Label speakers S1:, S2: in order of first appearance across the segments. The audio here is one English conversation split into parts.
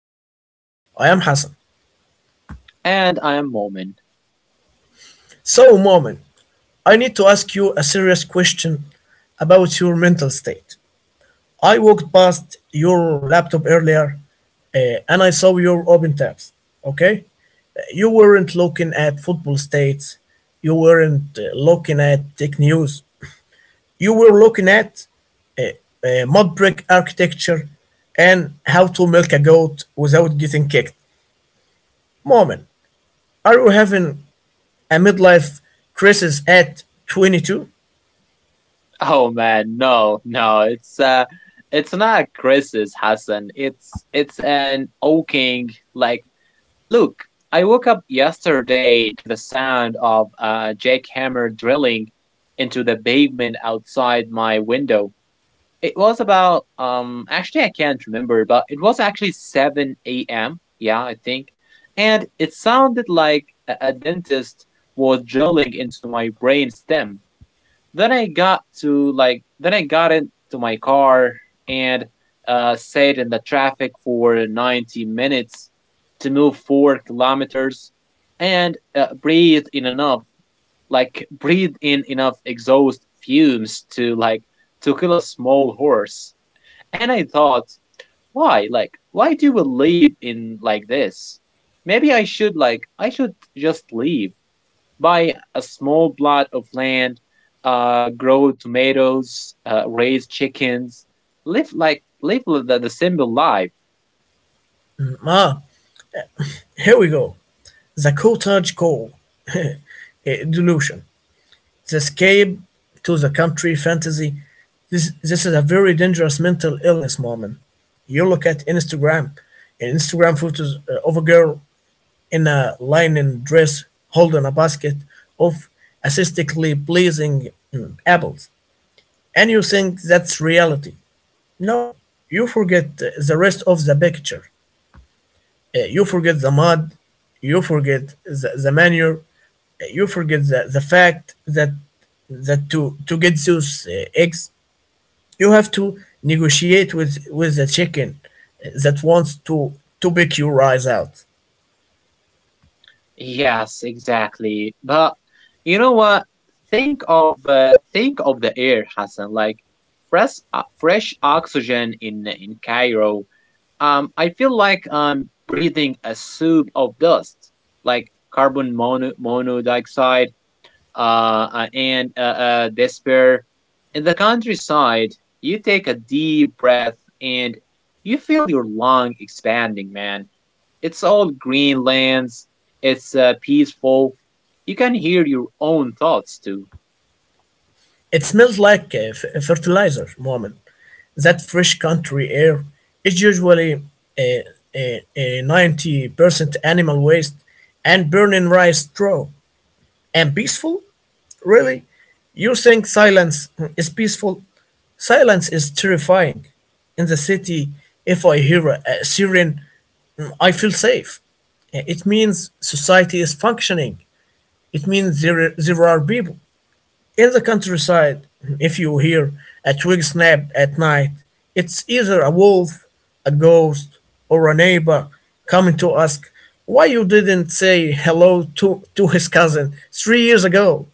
S1: Ground. I am Hassan.
S2: And I am Mormon.
S1: So, Moment, I need to ask you a serious question about your mental state. I walked past your laptop earlier and I saw your open tabs, okay? You weren't looking at football states, you weren't looking at tech news, you were looking at mud brick architecture and how to milk a goat without getting kicked. Moment. Are you having a midlife crisis at 22?
S2: Oh man, no, no, it's it's not Chris's Hassan. It's an oaking like look, I woke up yesterday to the sound of a jackhammer drilling into the pavement outside my window. It was about actually I can't remember, but it was actually seven AM, yeah, I think. And it sounded like a dentist was drilling into my brain stem. Then I got into my car and sat in the traffic for 90 minutes to move 4 kilometers and breathe in enough exhaust fumes to to kill a small horse. And I thought, why do we live in like this Maybe I should just leave, buy a small plot of land, grow tomatoes, raise chickens, live the simple life.
S1: Ah, here we go. The cottage core delusion. The escape to the country fantasy. This is a very dangerous mental illness, Mormon. You look at Instagram, Instagram photos of a girl in a linen dress holding a basket of aesthetically pleasing apples, and you think that's reality. No, you forget the rest of the picture. You forget the mud, you forget the manure, you forget the fact that to get those eggs, you have to negotiate with the chicken that wants to pick your eyes out.
S2: Yes, exactly. But you know what? Think of the air, Hassan. Like fresh fresh oxygen in Cairo. I feel like I'm breathing a soup of dust, like monoxide and despair. In the countryside, you take a deep breath and you feel your lung expanding, man. It's all green lands, it's peaceful. You can hear your own thoughts too.
S1: It smells like fertilizer, Mohammed. That fresh country air is usually a, a 90% animal waste and burning rice straw. And peaceful? Really? You think silence is peaceful? Silence is terrifying. In the city, if I hear a siren, I feel safe. It means society is functioning. It means there are people. In the countryside, if you hear a twig snap at night, it's either a wolf, a ghost, or a neighbor coming to ask why you didn't say hello to his cousin 3 years ago.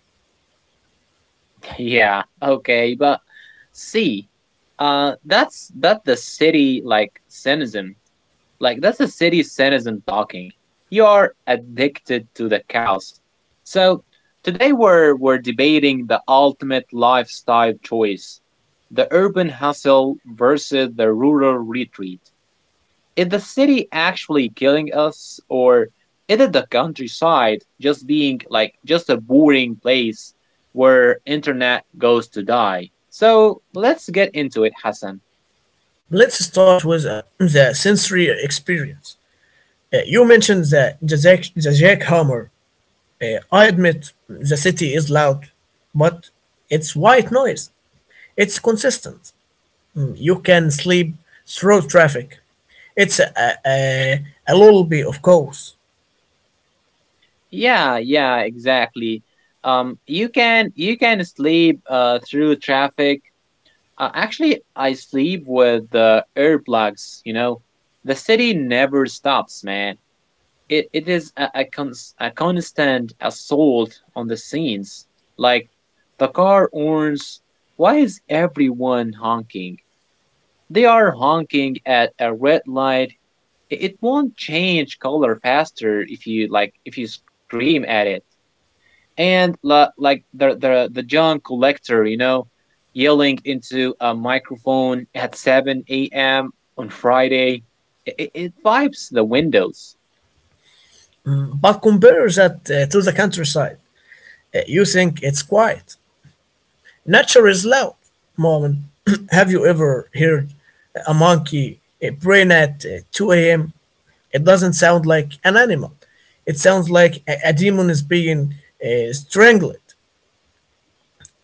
S2: Yeah, okay, but see, that's that the city like cynicism. Like that's a city citizen talking. You are addicted to the chaos. So today we're debating the ultimate lifestyle choice. The urban hustle versus the rural retreat. Is the city actually killing us, or is it the countryside just being like just a boring place where internet goes to die? So let's get into it, Hassan.
S1: Let's start with the sensory experience. You mentioned the jackhammer. I admit the city is loud, but it's white noise. It's consistent. You can sleep through traffic. It's a lullaby, of course.
S2: Yeah, yeah, exactly. You can sleep through traffic. Actually, I sleep with the earplugs. You know, the city never stops, man. It is a constant assault on the scenes. Like the car horns. Why is everyone honking? They are honking at a red light. It won't change color faster if you scream at it. And la, like the junk collector, you know, yelling into a microphone at 7 a.m. on Friday. It vibes the windows.
S1: But compare that to the countryside. You think it's quiet. Nature is loud. Moment, have you ever heard a monkey brain at 2 a.m.? It doesn't sound like an animal. It sounds like a demon is being strangled.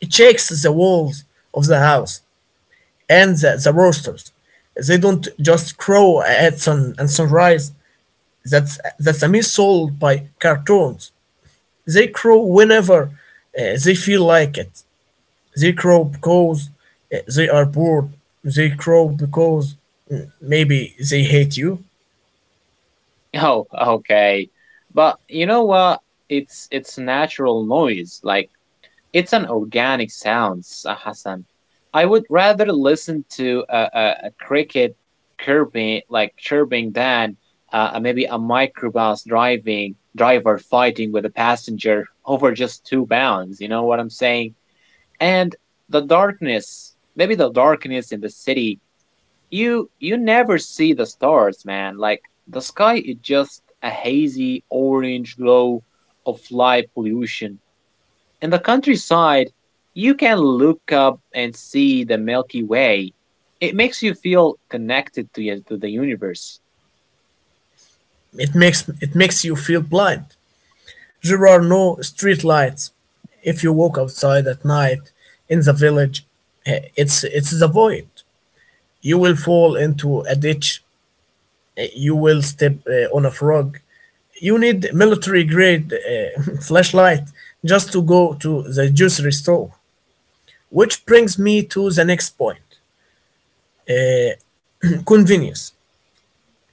S1: It shakes the walls of the house and the roosters. They don't just crow at sun and sunrise. That's a myth sold by cartoons. They crow whenever they feel like it. They crow because they are bored. They crow because maybe they hate you.
S2: Oh, okay, but you know what? It's natural noise. Like it's an organic sound, Hassan. I would rather listen to a cricket chirping, than maybe a microbus driving driver fighting with a passenger over just £2. You know what I'm saying? And the darkness, maybe the darkness in the city. You never see the stars, man. Like the sky is just a hazy orange glow of light pollution. In the countryside, you can look up and see the Milky Way. It makes you feel connected to the universe.
S1: It makes you feel blind. There are no streetlights. If you walk outside at night in the village, it's the void. You will fall into a ditch. You will step on a frog. You need military grade flashlight just to go to the grocery store. Which brings me to the next point: convenience.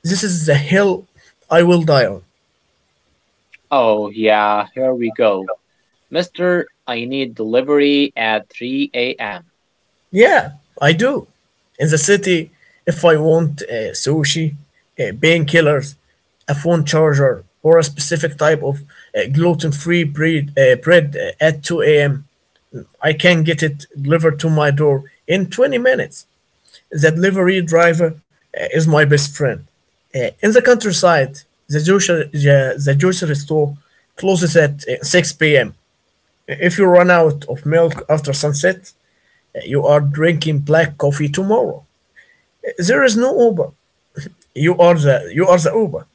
S1: This is the hill I will die on.
S2: Oh, yeah, here we go. Mister, I need delivery at 3 a.m.
S1: Yeah, I do. In the city, if I want sushi, painkillers, a phone charger, or a specific type of bread at 2 a.m., I can get it delivered to my door in 20 minutes. The delivery driver is my best friend. In the countryside, the grocery store closes at 6 p.m. If you run out of milk after sunset, you are drinking black coffee tomorrow. There is no Uber. You are the Uber.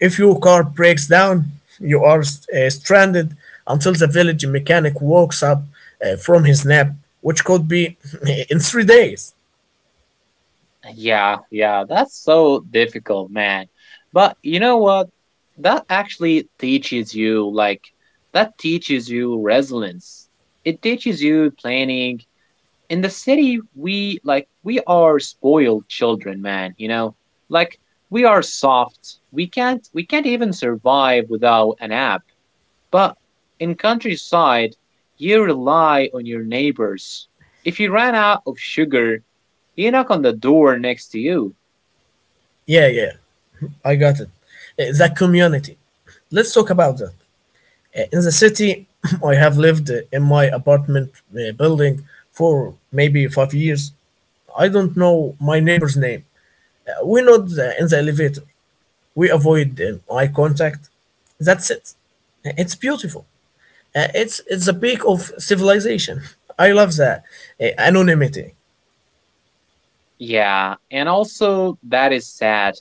S1: If your car breaks down, you are stranded until the village mechanic wakes up from his nap, which could be in 3 days.
S2: Yeah, yeah, that's so difficult, man. But you know what? That actually teaches you, like, that teaches you resilience. It teaches you planning. In the city, we are spoiled children, man, you know. Like we are soft, we can't even survive without an app. But in countryside, you rely on your neighbors. If you ran out of sugar, you knock on the door next to you.
S1: Yeah, yeah, I got it. The community. Let's talk about that. In the city, I have lived in my apartment building for maybe 5 years. I don't know my neighbor's name. We in the elevator. We avoid eye contact. That's it. It's beautiful. It's the peak of civilization. I love that anonymity.
S2: Yeah, and also that is sad,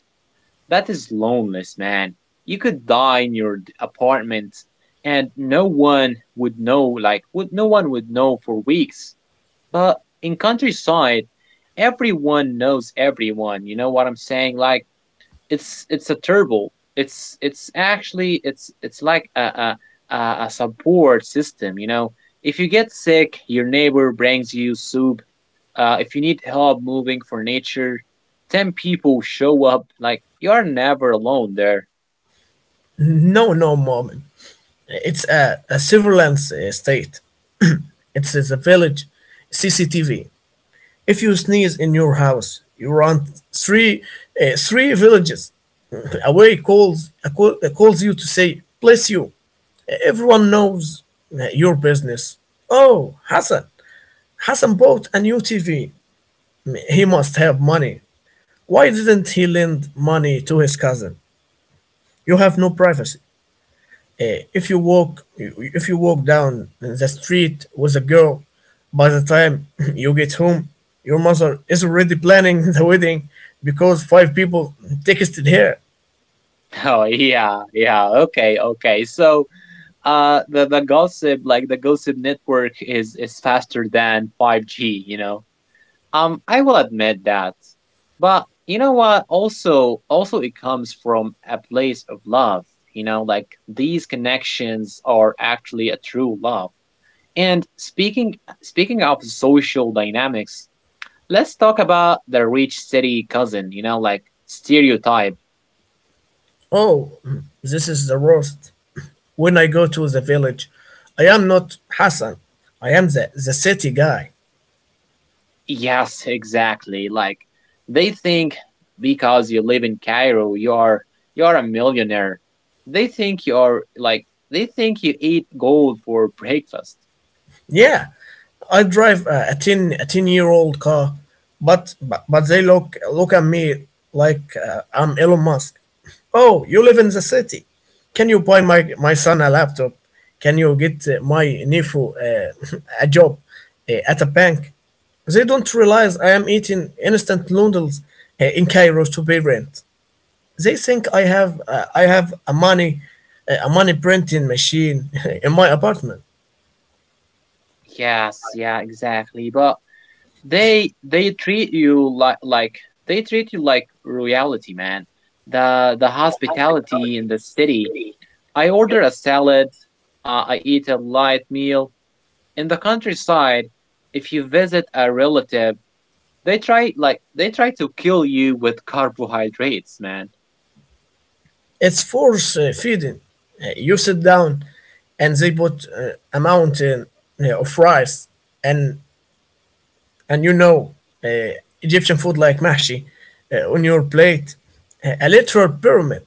S2: that is loneliness, man. You could die in your apartment and no one would know. Like would No one would know for weeks. But in countryside, everyone knows everyone. You know what I'm saying? Like it's a turbo. It's it's like a a support system. You know, if you get sick, your neighbor brings you soup. If you need help moving for nature, 10 people show up. Like you are never alone there.
S1: No, no, moment. It's a surveillance state. It's a village, CCTV. If you sneeze in your house, you run three three villages away. Calls calls you to say bless you. Everyone knows your business. Oh, Hassan! Hassan bought a new TV. He must have money. Why didn't he lend money to his cousin? You have no privacy. If you walk down the street with a girl by the time you get home, your mother is already planning the wedding because five people texted her.
S2: Oh yeah, yeah. Okay, okay. So the gossip network is faster than 5G, you know. I will admit that, but you know what? Also it comes from a place of love, you know. Like these connections are actually a true love. And speaking of social dynamics, let's talk about the rich city cousin, you know, like stereotype.
S1: Oh, this is the worst. When I go to the village, I am not Hassan, I am the city guy.
S2: Yes, exactly. Like they think because you live in Cairo, you're a millionaire. They think you're like they think you eat gold for breakfast.
S1: Yeah, I drive a 10-year-old car, but they look at me like I'm Elon Musk. Oh, you live in the city. Can you buy my my son a laptop? Can you get my nephew a job at a bank? They don't realize I am eating instant noodles in Cairo to pay rent. They think I have a money printing machine in my apartment.
S2: Yes, yeah, exactly. But they treat you like they treat you like royalty, man. The hospitality in the city. I order a salad. I eat a light meal. In the countryside, if you visit a relative, they try to kill you with carbohydrates, man.
S1: It's force feeding. You sit down, and they put a mountain of rice, and and you know uh, Egyptian food like mahshi on your plate, a literal pyramid,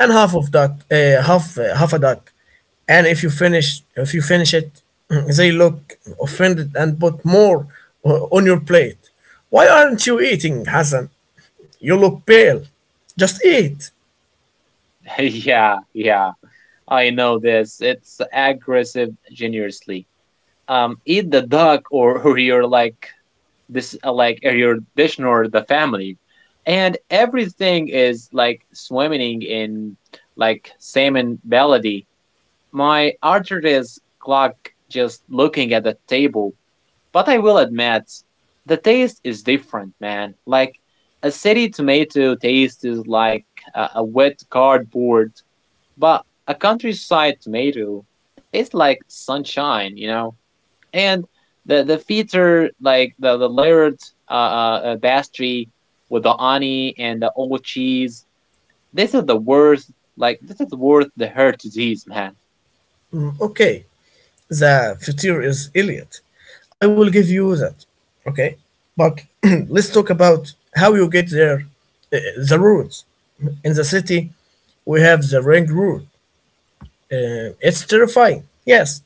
S1: and half of that, half a duck, and if you finish it, they look offended and put more on your plate. Why aren't you eating, Hassan? You look pale. Just eat.
S2: Yeah, yeah. I know this. It's aggressive generously. Eat the duck, or or you're like this like or your dish or the family. And everything is like swimming in like salmon melody. My arteries clog just looking at the table. But I will admit, the taste is different, man. Like a city tomato taste is like a wet cardboard, but a countryside tomato tastes like sunshine, you know. And the feature, like the layered pastry with the honey and the old cheese, this is the worst. Like this is worth the heart disease, man.
S1: Okay. The future is Elliot. I will give you that, okay? But let's talk about how you get there, uh, the roads. In the city, we have the ring road. It's terrifying, yes,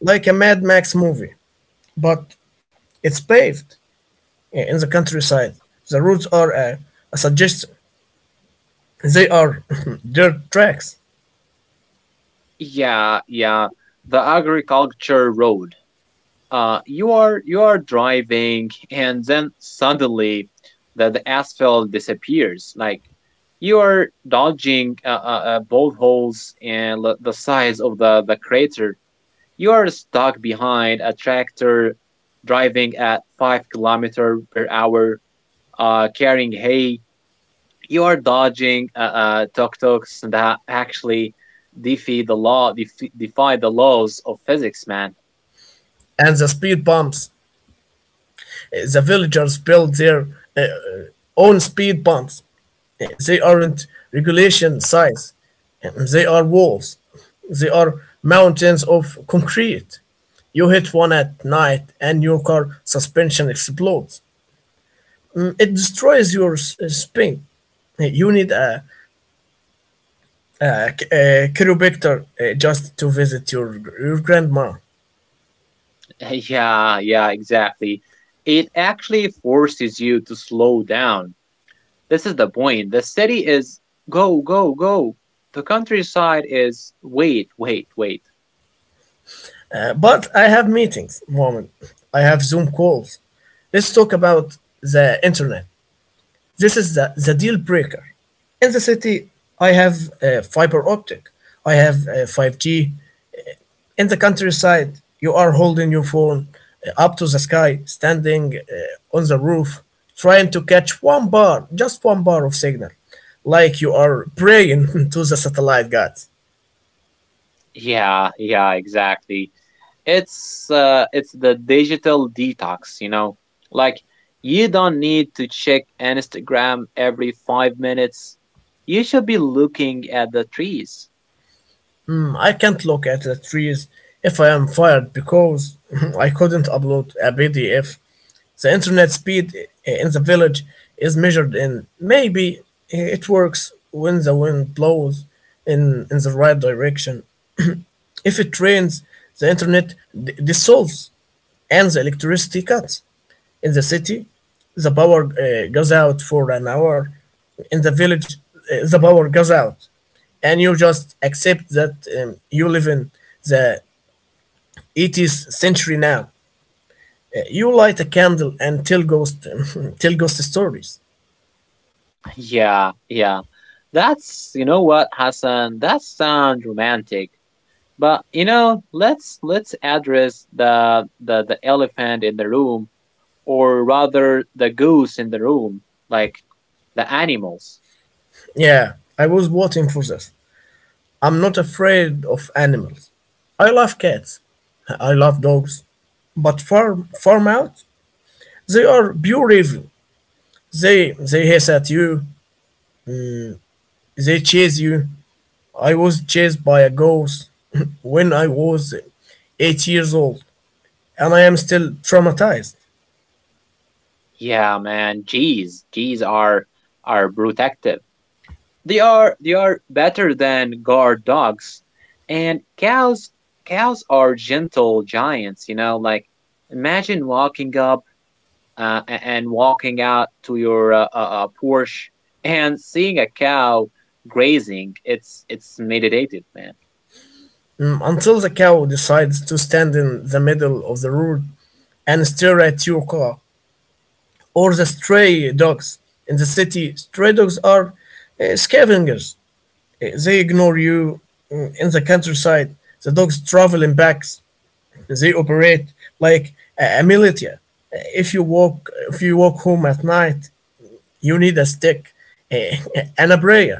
S1: like a Mad Max movie, but it's paved. Yeah, in the countryside. The roads are a suggestion. They are dirt tracks
S2: Yeah, yeah. The agriculture road. You are driving and then suddenly the asphalt disappears. Like you are dodging both holes and the size of the crater. You are stuck behind a tractor driving at 5 kilometer per hour, carrying hay. You are dodging tuk-tuks that actually defy the laws of physics, man.
S1: and the speed bumps. The villagers build their uh, own speed bumps. They aren't regulation size. They are walls. They are mountains of concrete. You hit one at night and your car suspension explodes. It destroys your spine. You need a chiropractor just to visit your grandma.
S2: Yeah, yeah, exactly. It actually forces you to slow down. This is the point. The city is go, go, go. The countryside is wait, wait, wait.
S1: But I have meetings, Mom. I have Zoom calls. Let's talk about the internet. This is the deal breaker. In the city, I have a fiber optic, I have a 5G. In the countryside, you are holding your phone up to the sky, standing on the roof, trying to catch one bar, just one bar of signal, like you are praying to the satellite gods.
S2: Yeah, yeah, exactly. It's it's the digital detox, you know. Like you don't need to check Instagram every 5 minutes. You should be looking at the trees.
S1: I can't look at the trees if I am fired because I couldn't upload a PDF. The internet speed in the village is measured in maybe it works when the wind blows in the right direction. If it rains, the dissolves and the electricity cuts. In the city, the power goes out for an hour. In the village, the power goes out and you just accept that you live in the 80th century now. You light a candle and tell ghost tell ghost stories.
S2: Yeah, yeah. That's, you know what, Hassan, that sounds romantic. But you know, let's address the elephant in the room, or rather the goose in the room, like the animals.
S1: Yeah, I was waiting for this. I'm not afraid of animals. I love cats. I love dogs. But farm out, they are pure evil. They they hiss at you. They chase you. I was chased by a ghost when I was 8 years old, and I am still traumatized.
S2: Yeah, man, G's are protective. They are better than guard dogs. And cows are gentle giants, you know. Like imagine walking up and walking out to your Porsche and seeing a cow grazing. It's meditative, man.
S1: Mm, until the cow decides to stand in the middle of the road and stare at your car, or the stray dogs. In the city, stray dogs are scavengers. They ignore you. Mm, in the countryside, the dogs travel in packs. They operate like a militia. Uh, If you walk, if you walk home at night, you need a stick uh, and a prayer.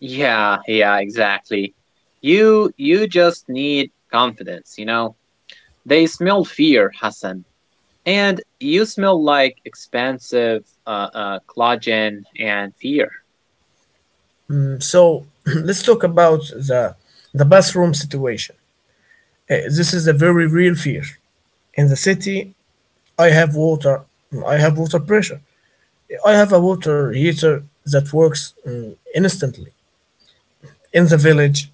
S2: Yeah, yeah, exactly. You just need confidence, you know. They smell fear, Hassan, and you smell like expansive collagen and fear.
S1: Mm, so let's talk about the the bathroom situation. This is a very real fear. In the city, I have water. I have water pressure. I have a water heater that works instantly. In the village,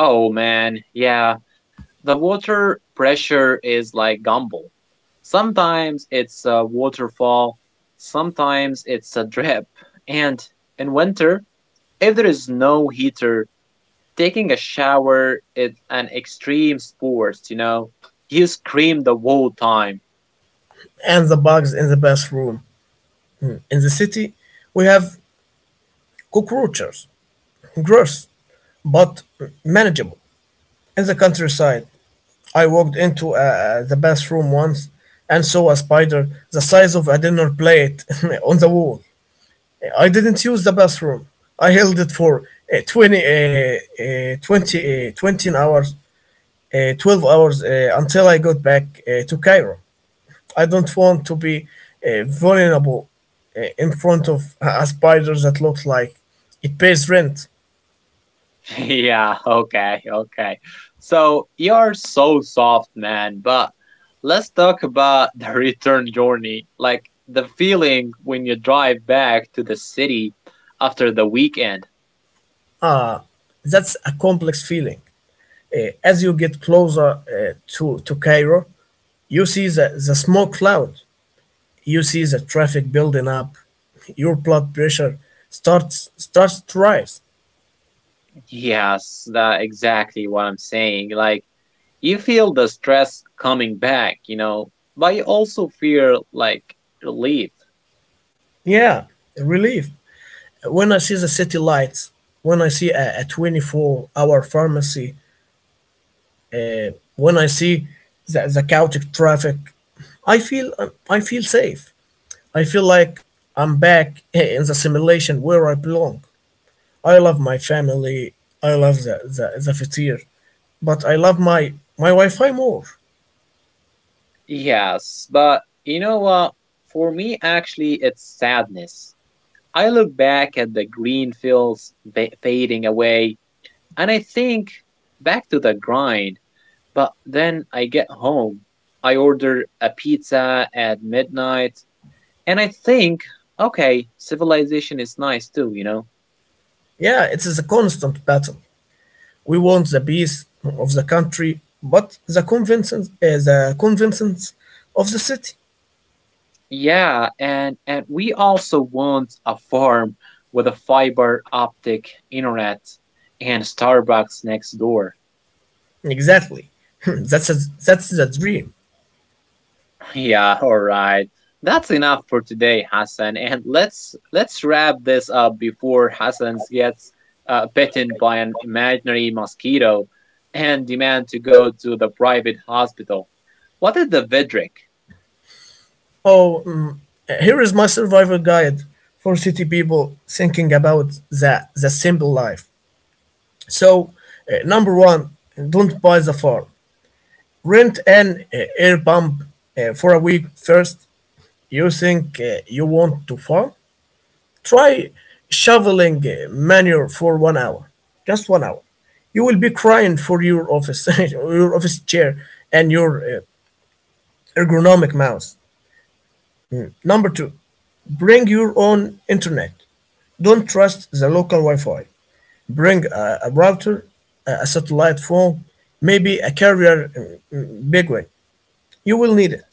S2: Oh man, yeah. The water pressure is like gumball. Sometimes it's a waterfall, sometimes it's a drip. And in winter, if there is no heater, taking a shower is an extreme sport, you know? You scream the whole time.
S1: and the bugs in the bathroom. In the city, we have cockroaches, gross but manageable. In the countryside, I walked into the bathroom once and saw a spider the size of a dinner plate on the wall. I didn't use the bathroom. I held it for 20 hours 12 hours until I got back to Cairo. I don't want to be vulnerable in front of a spider that looks like it pays rent.
S2: Yeah, okay, okay. So you're so soft, man, but let's talk about the return journey. Like the feeling when you drive back to the city after the weekend.
S1: That's a complex feeling. As you get closer to Cairo, you see the smoke cloud, you see the traffic building up, your blood pressure starts to rise.
S2: Yes, that exactly what I'm saying. Like you feel the stress coming back, you know, but you also feel like relief.
S1: Yeah, relief. When I see the city lights, when I see a 24-hour pharmacy. When I see the chaotic traffic, I feel safe. I feel like I'm back in the simulation where I belong. I love my family. I love the fatir, but I love my my Wi-Fi more.
S2: Yes, but you know what? For me, actually, it's sadness. I look back at the green fields fading away, and I think, back to the grind. But then I get home, I order a pizza at midnight, and I think, okay, civilization is nice too, you know.
S1: Yeah, it is a constant battle. We want the peace of the country, but the conventions of the city.
S2: Yeah, and we also want a farm with a fiber optic internet and Starbucks next door.
S1: Exactly. that's a, that's the dream.
S2: Yeah, all right. That's enough for today, Hassan. And let's wrap this up before Hassan gets bitten by an imaginary mosquito and demand to go to the private hospital. What is the Vidric?
S1: Oh, mm, here is my survival guide for city people thinking about the simple life. So, number one, don't buy the farm. Rent an air pump for a week first. You think you want to farm? Try shoveling manure for 1 hour, just 1 hour. You will be crying for your office, your office chair, and your ergonomic mouse. Number two, bring your own internet. Don't trust the local Wi Fi. Bring a router, a satellite phone, maybe a carrier big one. You will need it.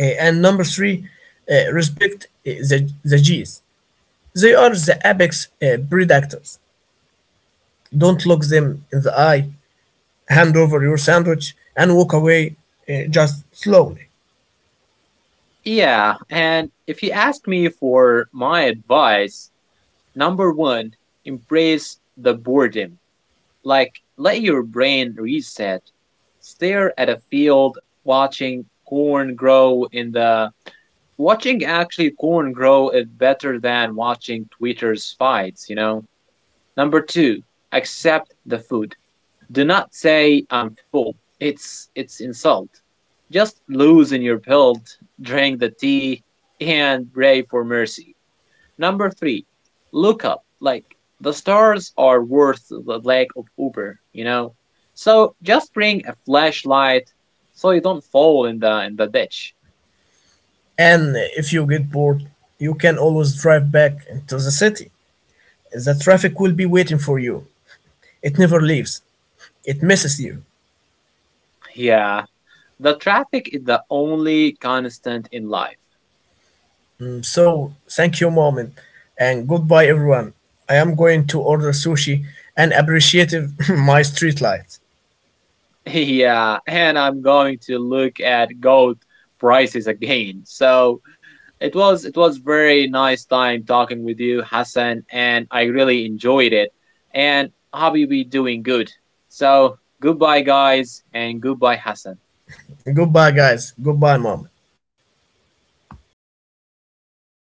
S1: And number three, respect the G's. They are the apex predators. Don't look them in the eye, hand over your sandwich, and walk away just slowly.
S2: Yeah, and if you ask me for my advice, number one, embrace the boredom. Like, let your brain reset. Stare at a field watching corn grow in the. Watching actually corn grow is better than watching tweeters fights, you know? Number two, accept the food. Do not say I'm full. It's insult. Just loosen your belt, drink the tea, and pray for mercy. Number three, look up. Like the stars are worth the lack of Uber, you know? So just bring a flashlight so you don't fall in the ditch.
S1: And if you get bored, you can always drive back into the city. The traffic will be waiting for you. It never leaves, it misses you.
S2: Yeah. The traffic is the only constant in life.
S1: So, thank you, Moment, and goodbye, everyone. I am going to order sushi and appreciate my street lights.
S2: Yeah, and I'm going to look at gold prices again. So it was very nice time talking with you, Hassan, and I really enjoyed it. And Habibi doing good. So goodbye, guys, and goodbye, Hassan.
S1: Goodbye, guys. Goodbye, Moment.